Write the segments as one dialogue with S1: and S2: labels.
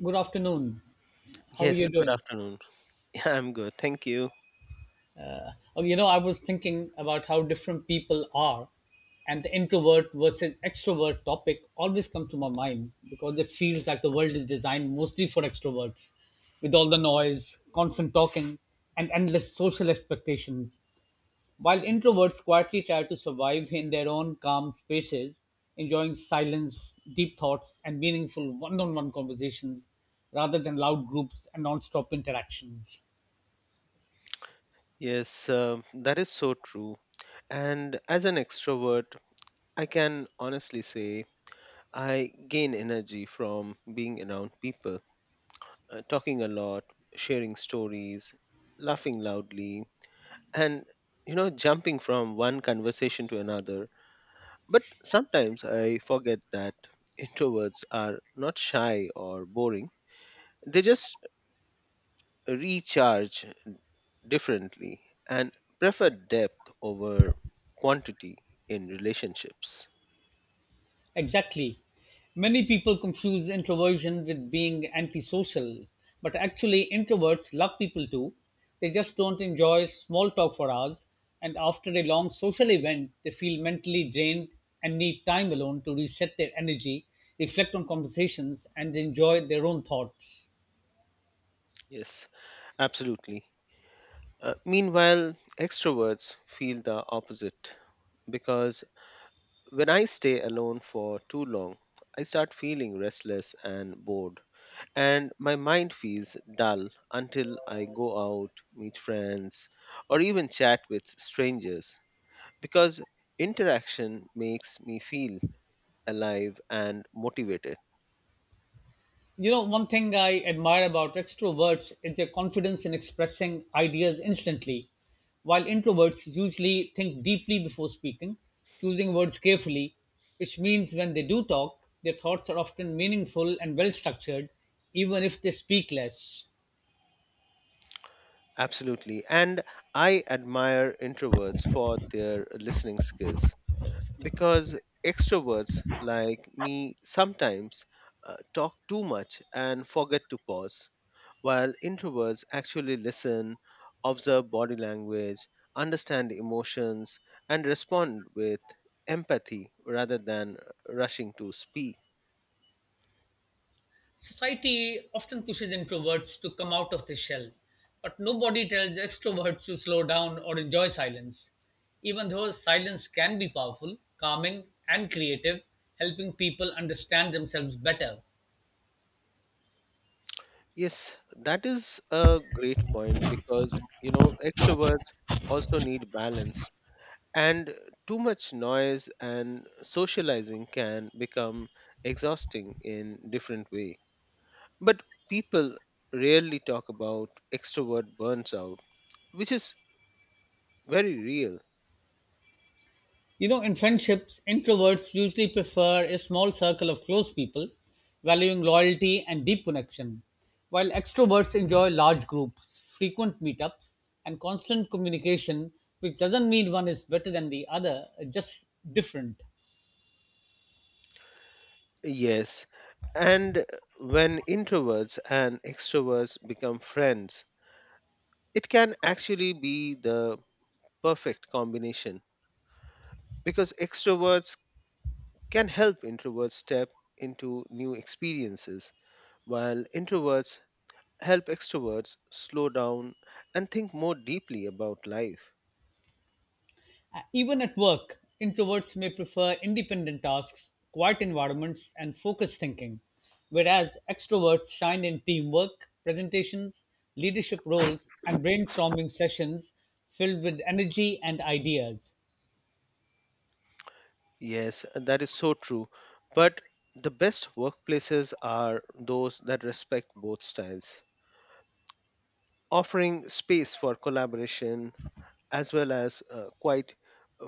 S1: Good afternoon. How are
S2: Yes,
S1: you
S2: good
S1: doing?
S2: afternoon. Yeah, I'm good. Thank you.
S1: Oh, you know, I was thinking about how different people are, and the introvert versus extrovert topic always comes to my mind because it feels like the world is designed mostly for extroverts, with all the noise, constant talking, and endless social expectations, while introverts quietly try to survive in their own calm spaces, enjoying silence, deep thoughts, and meaningful one-on-one conversations rather than loud groups and non-stop interactions.
S2: Yes, that is so true. And as an extrovert, I can honestly say I gain energy from being around people, talking a lot, sharing stories, laughing loudly, and jumping from one conversation to another. But sometimes I forget that introverts are not shy or boring. They just recharge differently and prefer depth over quantity in relationships.
S1: Exactly. Many people confuse introversion with being antisocial, but actually, introverts love people too. They just don't enjoy small talk for hours, and after a long social event, they feel mentally drained and need time alone to reset their energy, reflect on conversations, and enjoy their own thoughts.
S2: Yes, absolutely. Meanwhile, extroverts feel the opposite because when I stay alone for too long, I start feeling restless and bored, and my mind feels dull until I go out, meet friends, or even chat with strangers because interaction makes me feel alive and motivated.
S1: You know, one thing I admire about extroverts is their confidence in expressing ideas instantly. While introverts usually think deeply before speaking, choosing words carefully, which means when they do talk, their thoughts are often meaningful and well structured, even if they speak less.
S2: Absolutely. And I admire introverts for their listening skills because extroverts like me sometimes talk too much and forget to pause, while introverts actually listen, observe body language, understand emotions, and respond with empathy rather than rushing to speak.
S1: Society often pushes introverts to come out of their shell, but nobody tells extroverts to slow down or enjoy silence. Even though silence can be powerful, calming, and creative, helping people understand themselves better.
S2: Yes, that is a great point because, you know, extroverts also need balance. And too much noise and socializing can become exhausting in different way. But people rarely talk about extrovert burns out, which is very real.
S1: You know, in friendships, introverts usually prefer a small circle of close people, valuing loyalty and deep connection, while extroverts enjoy large groups, frequent meetups, and constant communication, which doesn't mean one is better than the other, just different.
S2: Yes. And when introverts and extroverts become friends, it can actually be the perfect combination because extroverts can help introverts step into new experiences while introverts help extroverts slow down and think more deeply about life.
S1: Even at work, introverts may prefer independent tasks, quiet environments, and focused thinking, whereas extroverts shine in teamwork, presentations, leadership roles, and brainstorming sessions filled with energy and ideas.
S2: Yes, that is so true. But the best workplaces are those that respect both styles, offering space for collaboration as well as quite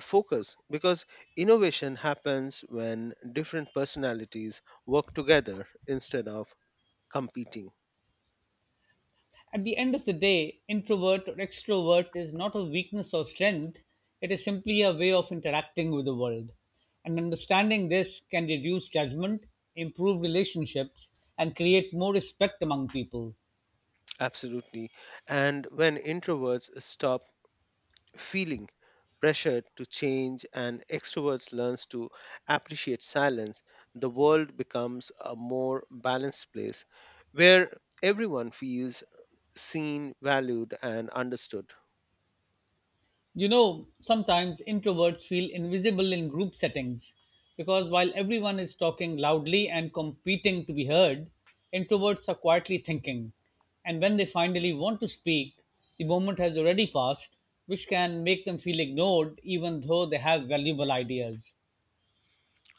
S2: focus, because innovation happens when different personalities work together instead of competing.
S1: At the end of the day, introvert or extrovert is not a weakness or strength, it is simply a way of interacting with the world. And understanding this can reduce judgment, improve relationships, and create more respect among people.
S2: Absolutely. And when introverts stop feeling pressured to change and extroverts learns to appreciate silence, the world becomes a more balanced place where everyone feels seen, valued and understood.
S1: You know, sometimes introverts feel invisible in group settings because while everyone is talking loudly and competing to be heard, introverts are quietly thinking. And when they finally want to speak, the moment has already passed, which can make them feel ignored even though they have valuable ideas.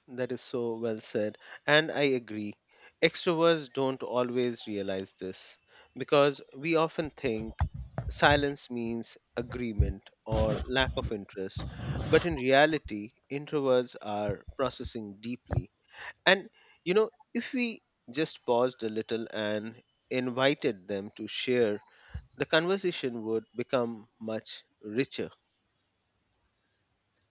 S2: That is so well said, and I agree. Extroverts don't always realize this because we often think silence means agreement or lack of interest, but in reality introverts are processing deeply. And if we just paused a little and invited them to share, the conversation would become much richer.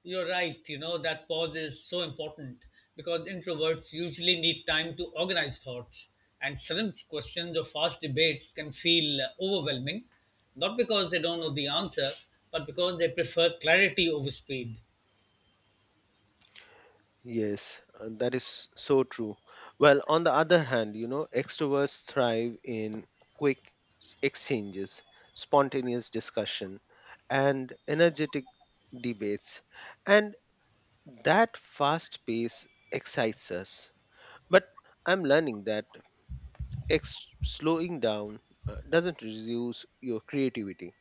S1: You're right. You know, that pause is so important because introverts usually need time to organize thoughts, and sudden questions or fast debates can feel overwhelming, not because they don't know the answer, but because they prefer clarity over speed.
S2: Yes, that is so true. Well, on the other hand, you know, extroverts thrive in quick exchanges, spontaneous discussion, and energetic debates. And that fast pace excites us. But I'm learning that slowing down doesn't reduce your creativity.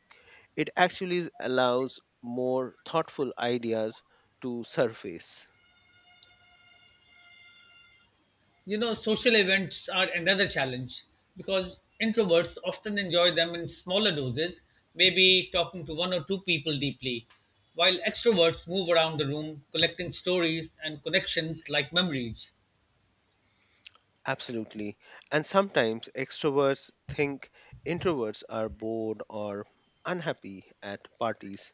S2: It actually allows more thoughtful ideas to surface.
S1: You know, social events are another challenge because introverts often enjoy them in smaller doses, maybe talking to one or two people deeply, while extroverts move around the room collecting stories and connections like memories.
S2: Absolutely. And sometimes extroverts think introverts are bored or unhappy at parties,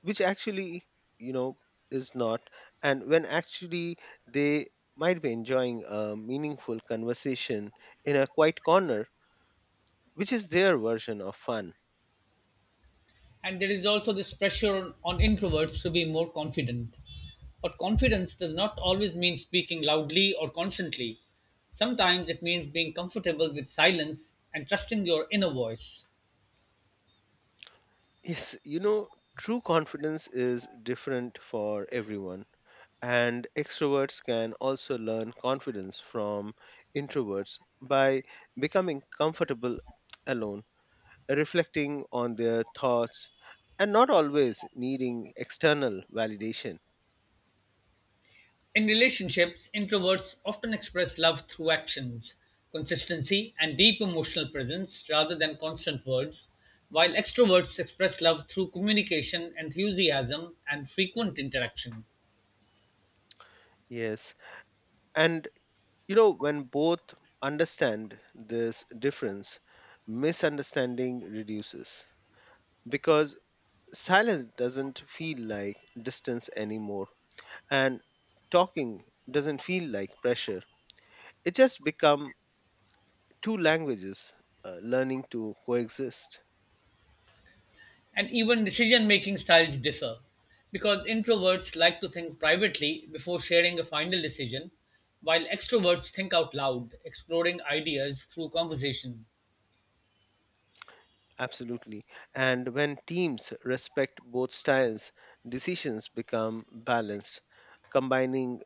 S2: which actually, you know, is not. And when actually they might be enjoying a meaningful conversation in a quiet corner, which is their version of fun.
S1: And there is also this pressure on introverts to be more confident. But confidence does not always mean speaking loudly or constantly. Sometimes it means being comfortable with silence and trusting your inner voice.
S2: Yes, you know, true confidence is different for everyone, and extroverts can also learn confidence from introverts by becoming comfortable alone, reflecting on their thoughts, and not always needing external validation.
S1: In relationships, introverts often express love through actions, consistency, and deep emotional presence rather than constant words, while extroverts express love through communication, enthusiasm, and frequent interaction.
S2: Yes, and you know, when both understand this difference, misunderstanding reduces because silence doesn't feel like distance anymore and talking doesn't feel like pressure. It just become two languages learning to coexist.
S1: And even decision making styles differ because introverts like to think privately before sharing a final decision, while extroverts think out loud, exploring ideas through conversation.
S2: Absolutely. And when teams respect both styles, decisions become balanced, combining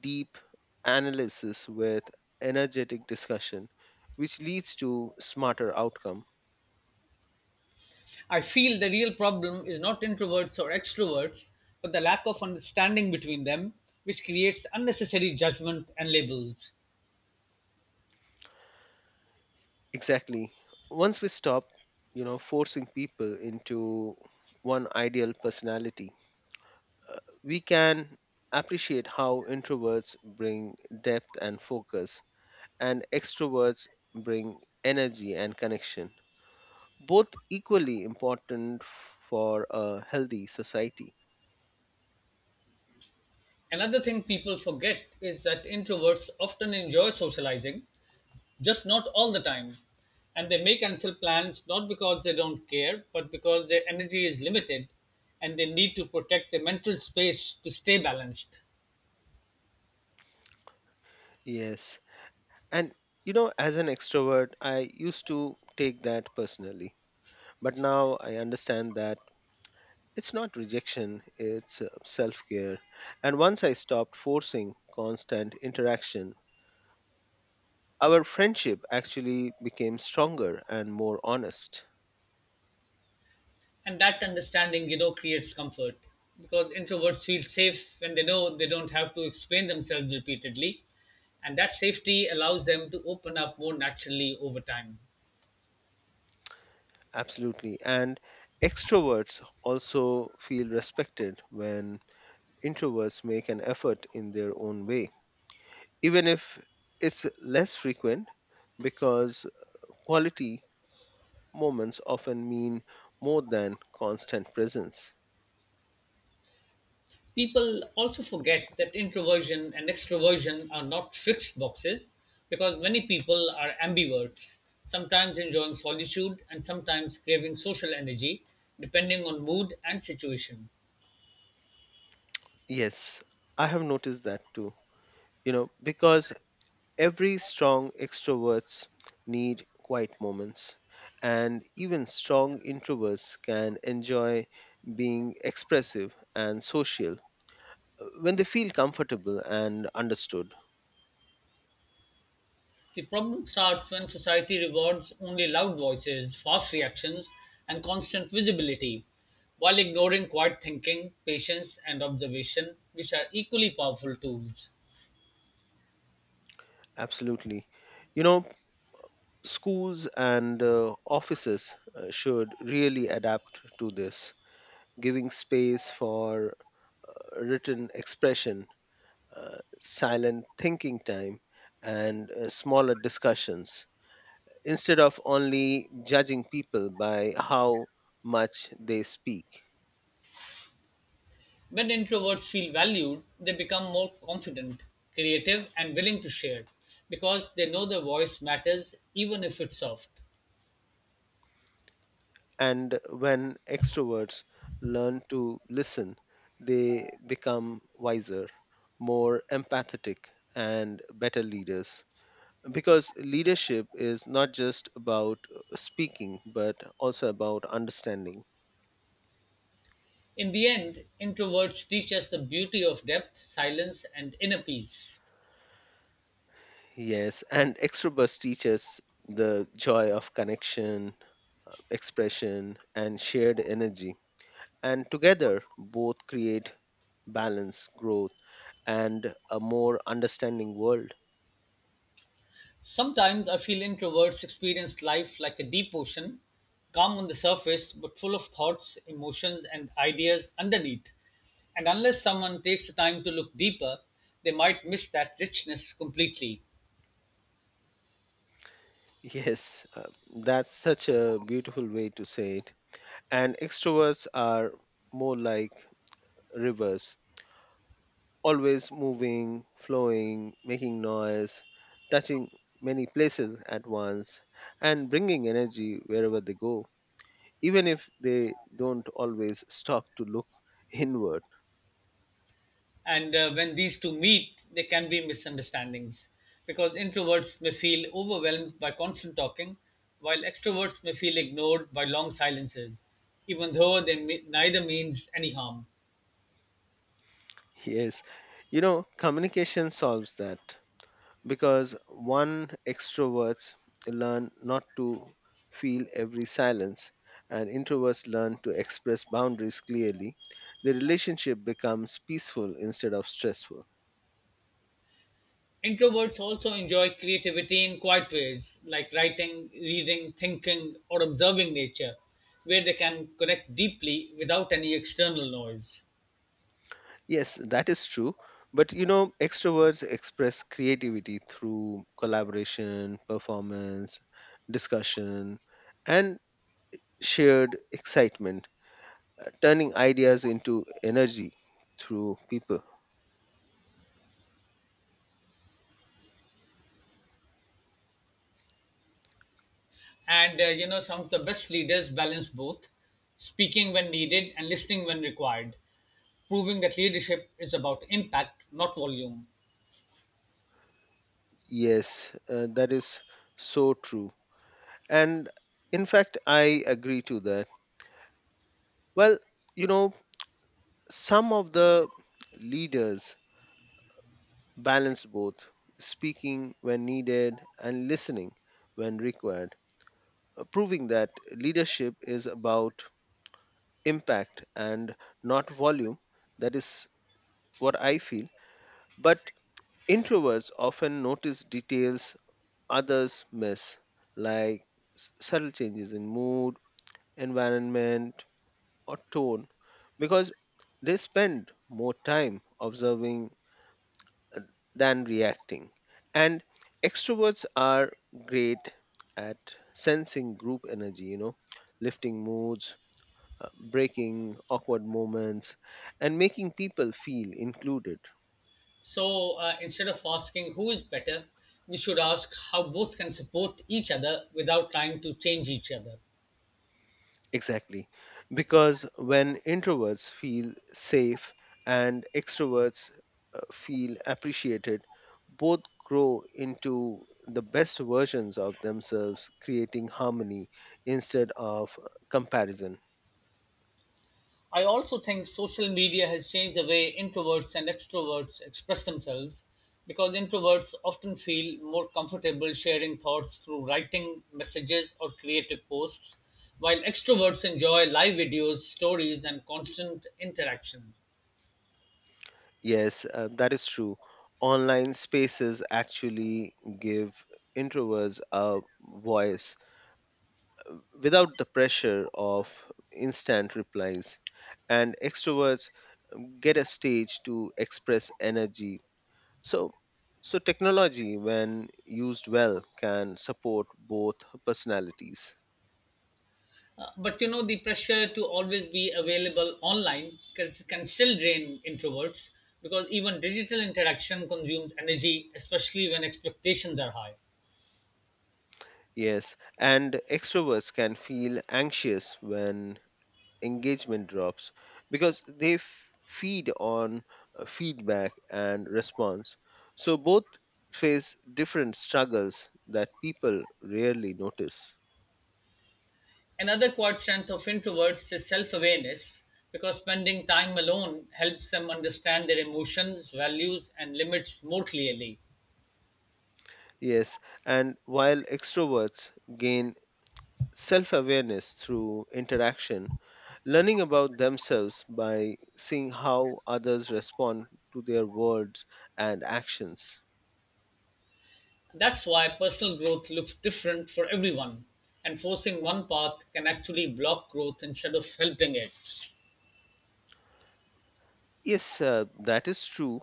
S2: deep analysis with energetic discussion, which leads to smarter outcome.
S1: I feel the real problem is not introverts or extroverts, but the lack of understanding between them, which creates unnecessary judgment and labels.
S2: Exactly. Once we stop, you know, forcing people into one ideal personality, we can appreciate how introverts bring depth and focus, and extroverts bring energy and connection, both equally important for a healthy society.
S1: Another thing people forget is that introverts often enjoy socializing, just not all the time. And they may cancel plans not because they don't care, but because their energy is limited and they need to protect their mental space to stay balanced.
S2: Yes. And you know, as an extrovert, I used to take that personally. But now I understand that it's not rejection, it's self care. And once I stopped forcing constant interaction, our friendship actually became stronger and more honest.
S1: And that understanding, you know, creates comfort because introverts feel safe when they know they don't have to explain themselves repeatedly. And that safety allows them to open up more naturally over time.
S2: Absolutely. And extroverts also feel respected when introverts make an effort in their own way, even if it's less frequent because quality moments often mean more than constant presence.
S1: People also forget that introversion and extroversion are not fixed boxes because many people are ambiverts, sometimes enjoying solitude and sometimes craving social energy, depending on mood and situation.
S2: Yes, I have noticed that too. You know, because every strong extroverts need quiet moments, and even strong introverts can enjoy being expressive and social when they feel comfortable and understood.
S1: The problem starts when society rewards only loud voices, fast reactions, and constant visibility, while ignoring quiet thinking, patience, and observation, which are equally powerful tools.
S2: Absolutely. You know, schools and offices should really adapt to this, giving space for written expression, silent thinking time, and smaller discussions instead of only judging people by how much they speak.
S1: When introverts feel valued, they become more confident, creative, and willing to share because they know their voice matters even if it's soft.
S2: And when extroverts learn to listen, they become wiser, more empathetic, and better leaders. Because leadership is not just about speaking, but also about understanding.
S1: In the end, introverts teach us the beauty of depth, silence, and inner peace.
S2: Yes, and extroverts teach us the joy of connection, expression, and shared energy. And together, both create balance, growth, and a more understanding world.
S1: Sometimes I feel introverts experience life like a deep ocean, calm on the surface but full of thoughts, emotions, and ideas underneath. And unless someone takes the time to look deeper, they might miss that richness completely.
S2: Yes, that's such a beautiful way to say it. And extroverts are more like rivers, always moving, flowing, making noise, touching many places at once, and bringing energy wherever they go, even if they don't always stop to look inward.
S1: And when these two meet, there can be misunderstandings because introverts may feel overwhelmed by constant talking, while extroverts may feel ignored by long silences, even though they may, neither means any harm.
S2: Yes, you know, communication solves that, because one extroverts learn not to feel every silence and introverts learn to express boundaries clearly, the relationship becomes peaceful instead of stressful.
S1: Introverts also enjoy creativity in quiet ways, like writing, reading, thinking, or observing nature, where they can connect deeply without any external noise.
S2: Yes, that is true. But you know, extroverts express creativity through collaboration, performance, discussion, and shared excitement, turning ideas into energy through people.
S1: And you know, some of the best leaders balance both speaking when needed and listening when required, proving that leadership is about impact, not volume.
S2: Yes, that is so true. And in fact, I agree to that. Well, you know, some of the leaders balance both speaking when needed and listening when required, proving that leadership is about impact and not volume. That is what I feel. But introverts often notice details others miss, like subtle changes in mood, environment, or tone because they spend more time observing uh, than reacting. And extroverts are great at sensing group energy, you know, lifting moods, breaking awkward moments, and making people feel included.
S1: So instead of asking who is better, we should ask how both can support each other without trying to change each other.
S2: Exactly. Because when introverts feel safe and extroverts feel appreciated, both grow into the best versions of themselves, creating harmony instead of comparison.
S1: I also think social media has changed the way introverts and extroverts express themselves because introverts often feel more comfortable sharing thoughts through writing messages or creative posts, while extroverts enjoy live videos, stories, and constant interaction.
S2: Yes, that is true. Online spaces actually give introverts a voice without the pressure of instant replies, and extroverts get a stage to express energy. So, so technology, when used well, can support both personalities.
S1: But you know, the pressure to always be available online can still drain introverts because even digital interaction consumes energy, especially when expectations are high.
S2: Yes, and extroverts can feel anxious when engagement drops because they feed on feedback and response. So both face different struggles that people rarely notice.
S1: Another quiet strength of introverts is self-awareness because spending time alone helps them understand their emotions, values, and limits more clearly.
S2: Yes, and while extroverts gain self awareness through interaction, learning about themselves by seeing how others respond to their words and actions.
S1: That's why personal growth looks different for everyone, and forcing one path can actually block growth instead of helping it.
S2: Yes, that is true.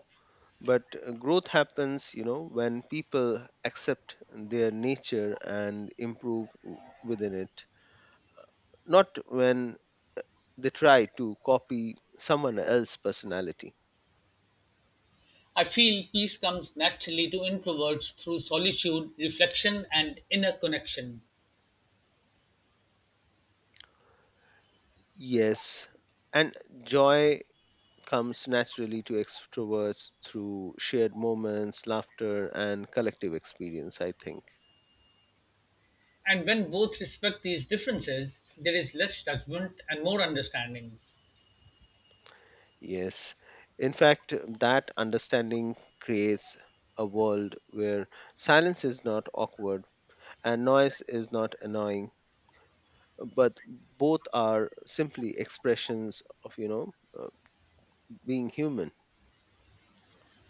S2: But growth happens, you know, when people accept their nature and improve within it, not when they try to copy someone else's personality.
S1: I feel peace comes naturally to introverts through solitude, reflection, and inner connection.
S2: Yes, and joy comes naturally to extroverts through shared moments, laughter, and collective experience, I think.
S1: And when both respect these differences, there is less judgment and more understanding.
S2: Yes. In fact, that understanding creates a world where silence is not awkward and noise is not annoying, but both are simply expressions of, you know, being human.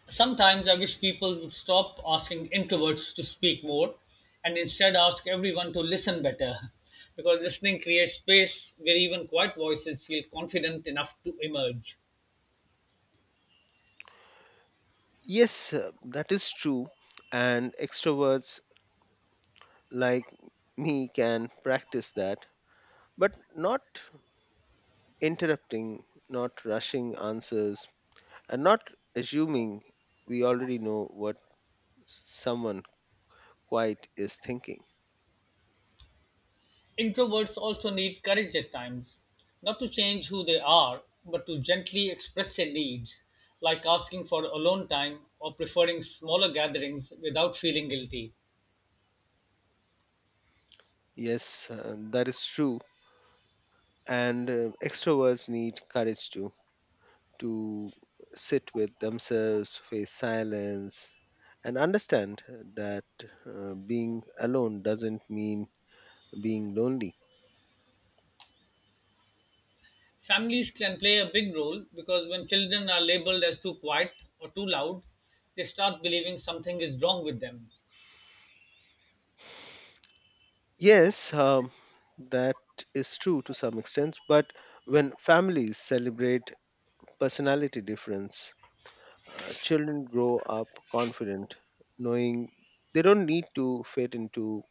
S1: Sometimes I wish people would stop asking introverts to speak more and instead ask everyone to listen better because listening creates space where even quiet voices feel confident enough to emerge.
S2: Yes, that is true. And extroverts like me can practice that, but not interrupting, not rushing answers, and not assuming we already know what someone quite is thinking.
S1: Introverts also need courage at times, not to change who they are, but to gently express their needs, like asking for alone time or preferring smaller gatherings without feeling guilty.
S2: Yes, that is true. And extroverts need courage too, to sit with themselves, face silence, and understand that being alone doesn't mean being lonely.
S1: Families can play a big role because when children are labeled as too quiet or too loud, they start believing something is wrong with them.
S2: Yes, that is true to some extent, but when families celebrate personality difference, children grow up confident, knowing they don't need to fit into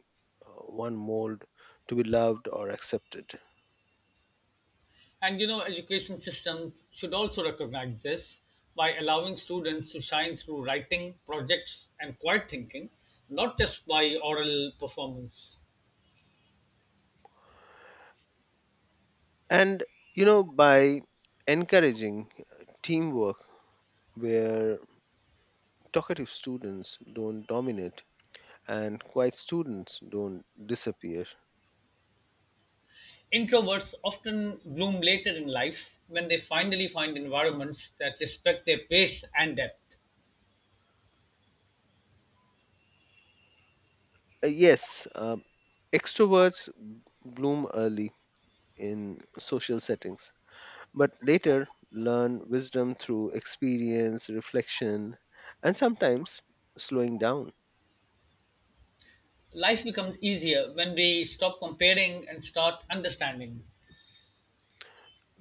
S2: one mold to be loved or accepted.
S1: And you know, education systems should also recognize this by allowing students to shine through writing, projects, and quiet thinking, not just by oral performance.
S2: And you know, by encouraging teamwork where talkative students don't dominate and quiet students don't disappear.
S1: Introverts often bloom later in life when they finally find environments that respect their pace and depth.
S2: Yes, extroverts bloom early in social settings, but later learn wisdom through experience, reflection, and sometimes slowing down,
S1: Life becomes easier when we stop comparing and start understanding.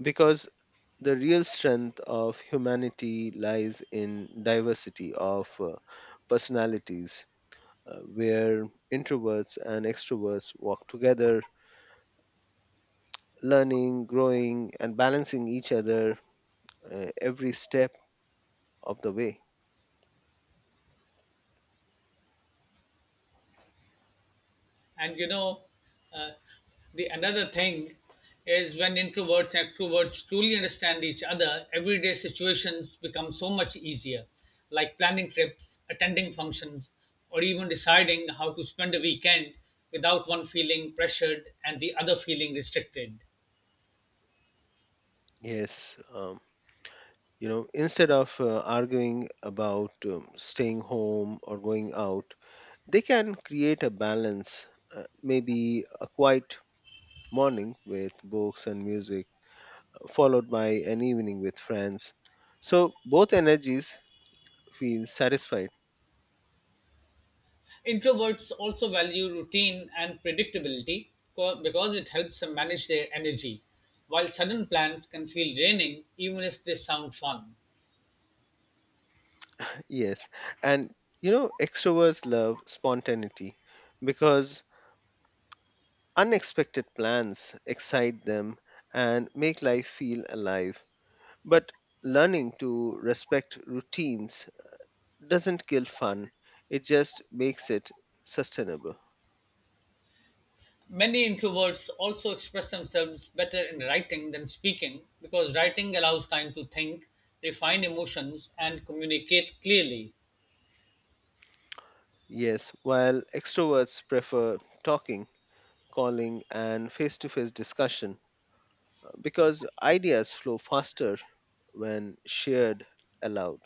S2: because the real strength of humanity lies in diversity of personalities, where introverts and extroverts walk together, learning, growing, and balancing each other every step of the way.
S1: And you know, uh, the another thing is, when introverts and extroverts truly understand each other, everyday situations become so much easier, like planning trips, attending functions, or even deciding how to spend a weekend without one feeling pressured and the other feeling restricted.
S2: Yes, you know, instead of arguing about staying home or going out, they can create a balance, maybe a quiet morning with books and music followed by an evening with friends. So both energies feel satisfied.
S1: Introverts also value routine and predictability because it helps them manage their energy, while sudden plans can feel draining even if they sound fun.
S2: Yes. And you know, extroverts love spontaneity because unexpected plans excite them and make life feel alive. But learning to respect routines doesn't kill fun, it just makes it sustainable.
S1: Many introverts also express themselves better in writing than speaking because writing allows time to think, refine emotions, and communicate clearly.
S2: Yes, while extroverts prefer talking, calling, and face to face discussion because ideas flow faster when shared aloud.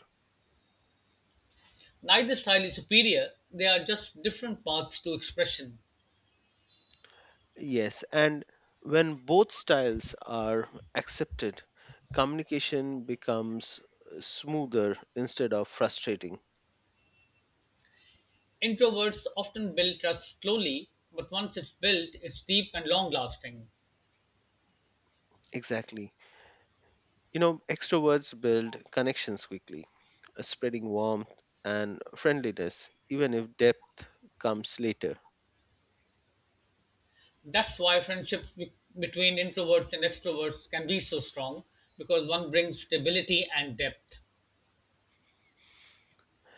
S1: Neither style is superior, they are just different paths to expression.
S2: Yes, and when both styles are accepted, communication becomes smoother instead of frustrating.
S1: Introverts often build trust slowly, but once it's built, it's deep and long lasting.
S2: Exactly. You know, extroverts build connections quickly, spreading warmth and friendliness, even if depth comes later.
S1: That's why between introverts and extroverts can be so strong because one brings stability and depth.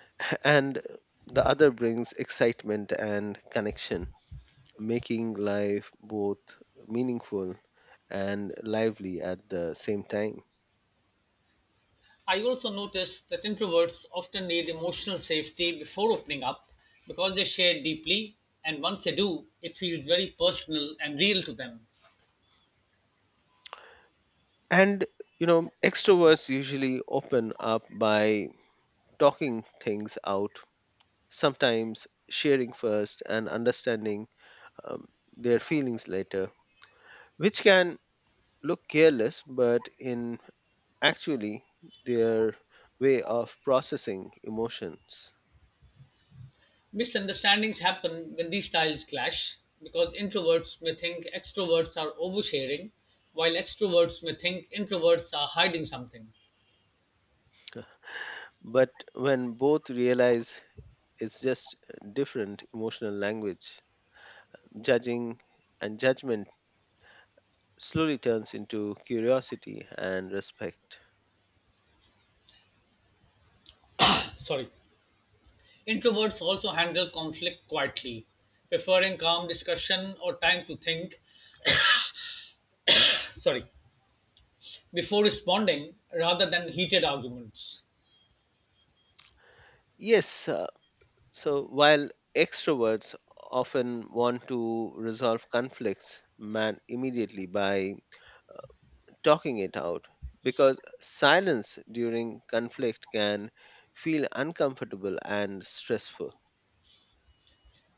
S2: And the other brings excitement and connection, making life both meaningful and lively at the same time.
S1: I also noticed that introverts often need emotional safety before opening up because they share deeply, and once they do, it feels very personal and real to them.
S2: And, you know, extroverts usually open up by talking things out, sometimes sharing first and understanding um, their feelings later, which can look careless, but in actually their way of processing emotions.
S1: Misunderstandings happen when these styles clash because introverts may think extroverts are oversharing, while extroverts may think introverts are hiding something.
S2: But when both realize it's just different emotional language, Judging and judgment slowly turns into curiosity and respect.
S1: Sorry. Introverts also handle conflict quietly, preferring calm discussion or time to think, sorry, before responding rather than heated arguments.
S2: Yes, so while extroverts often want to resolve conflicts man immediately by talking it out, because silence during conflict can feel uncomfortable and stressful.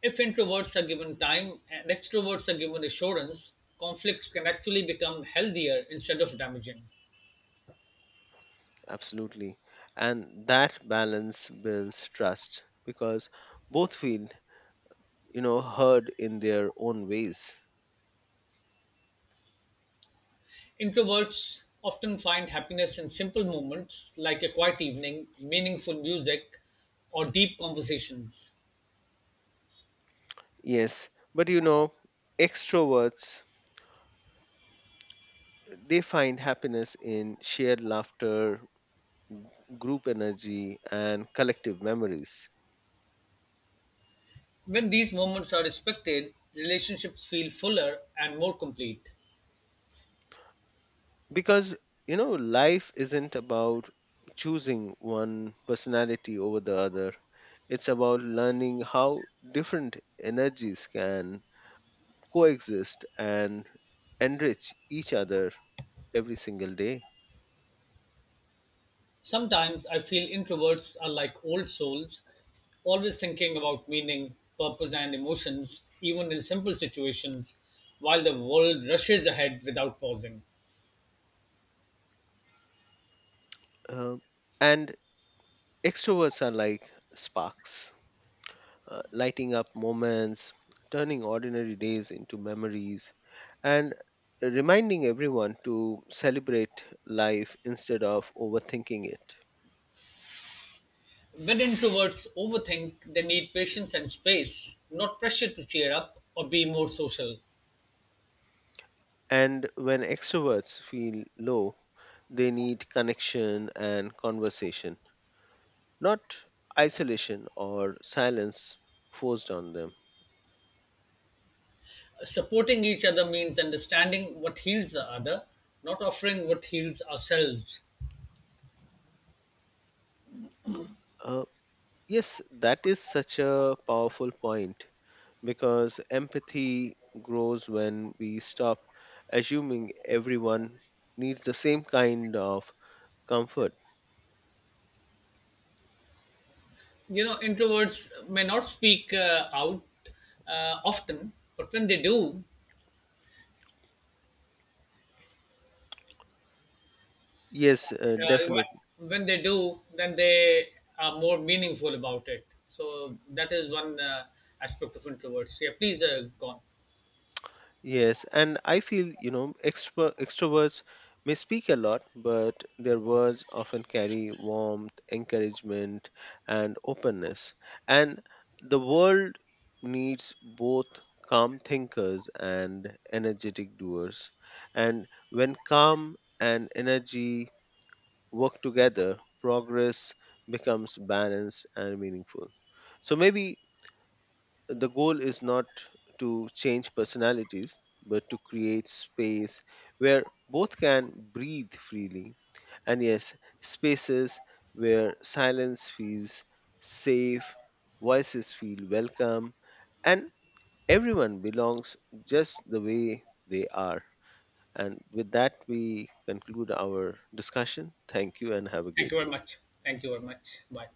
S1: If introverts are given time and extroverts are given assurance, conflicts can actually become healthier instead of damaging.
S2: Absolutely. And that balance builds trust because both feel, you know, heard in their own ways.
S1: Introverts often find happiness in simple moments like a quiet evening, meaningful music, or deep conversations.
S2: Yes, but you know, extroverts they find happiness in shared laughter, group energy and collective memories.
S1: When these moments are respected, relationships feel fuller and more complete.
S2: Because you know, life isn't about choosing one personality over the other. It's about learning how different energies can coexist and enrich each other every single day.
S1: Sometimes I feel introverts are like old souls, always thinking about meaning, purpose, and emotions, even in simple situations, while the world rushes ahead without pausing.
S2: Uh, and extroverts are like sparks, lighting up moments, turning ordinary days into memories, and reminding everyone to celebrate life instead of overthinking it.
S1: When introverts overthink, they need patience and space, not pressure to cheer up or be more social.
S2: And when extroverts feel low, they need connection and conversation, not isolation or silence forced on them.
S1: Supporting each other means understanding what heals the other, not offering what heals ourselves.
S2: Uh, yes, that is such a powerful point because empathy grows when we stop assuming everyone needs the same kind of comfort.
S1: You know, introverts may not speak out often, but when they do,
S2: Yes,
S1: uh,
S2: definitely.
S1: wh- when they do, then they are more meaningful about it. So that is one aspect of introverts. Yeah, please go on.
S2: Yes, and I feel, you know, extroverts may speak a lot, but their words often carry warmth, encouragement, and openness. And the world needs both calm thinkers and energetic doers. And when calm and energy work together, progress becomes balanced and meaningful. So maybe the goal is not to change personalities, but to create space where both can breathe freely. And yes, spaces where silence feels safe, voices feel welcome, and everyone belongs just the way they are. And with that, we conclude our discussion. Thank you and have a
S1: Thank
S2: great
S1: you very
S2: day.
S1: much. Thank you very much. Bye.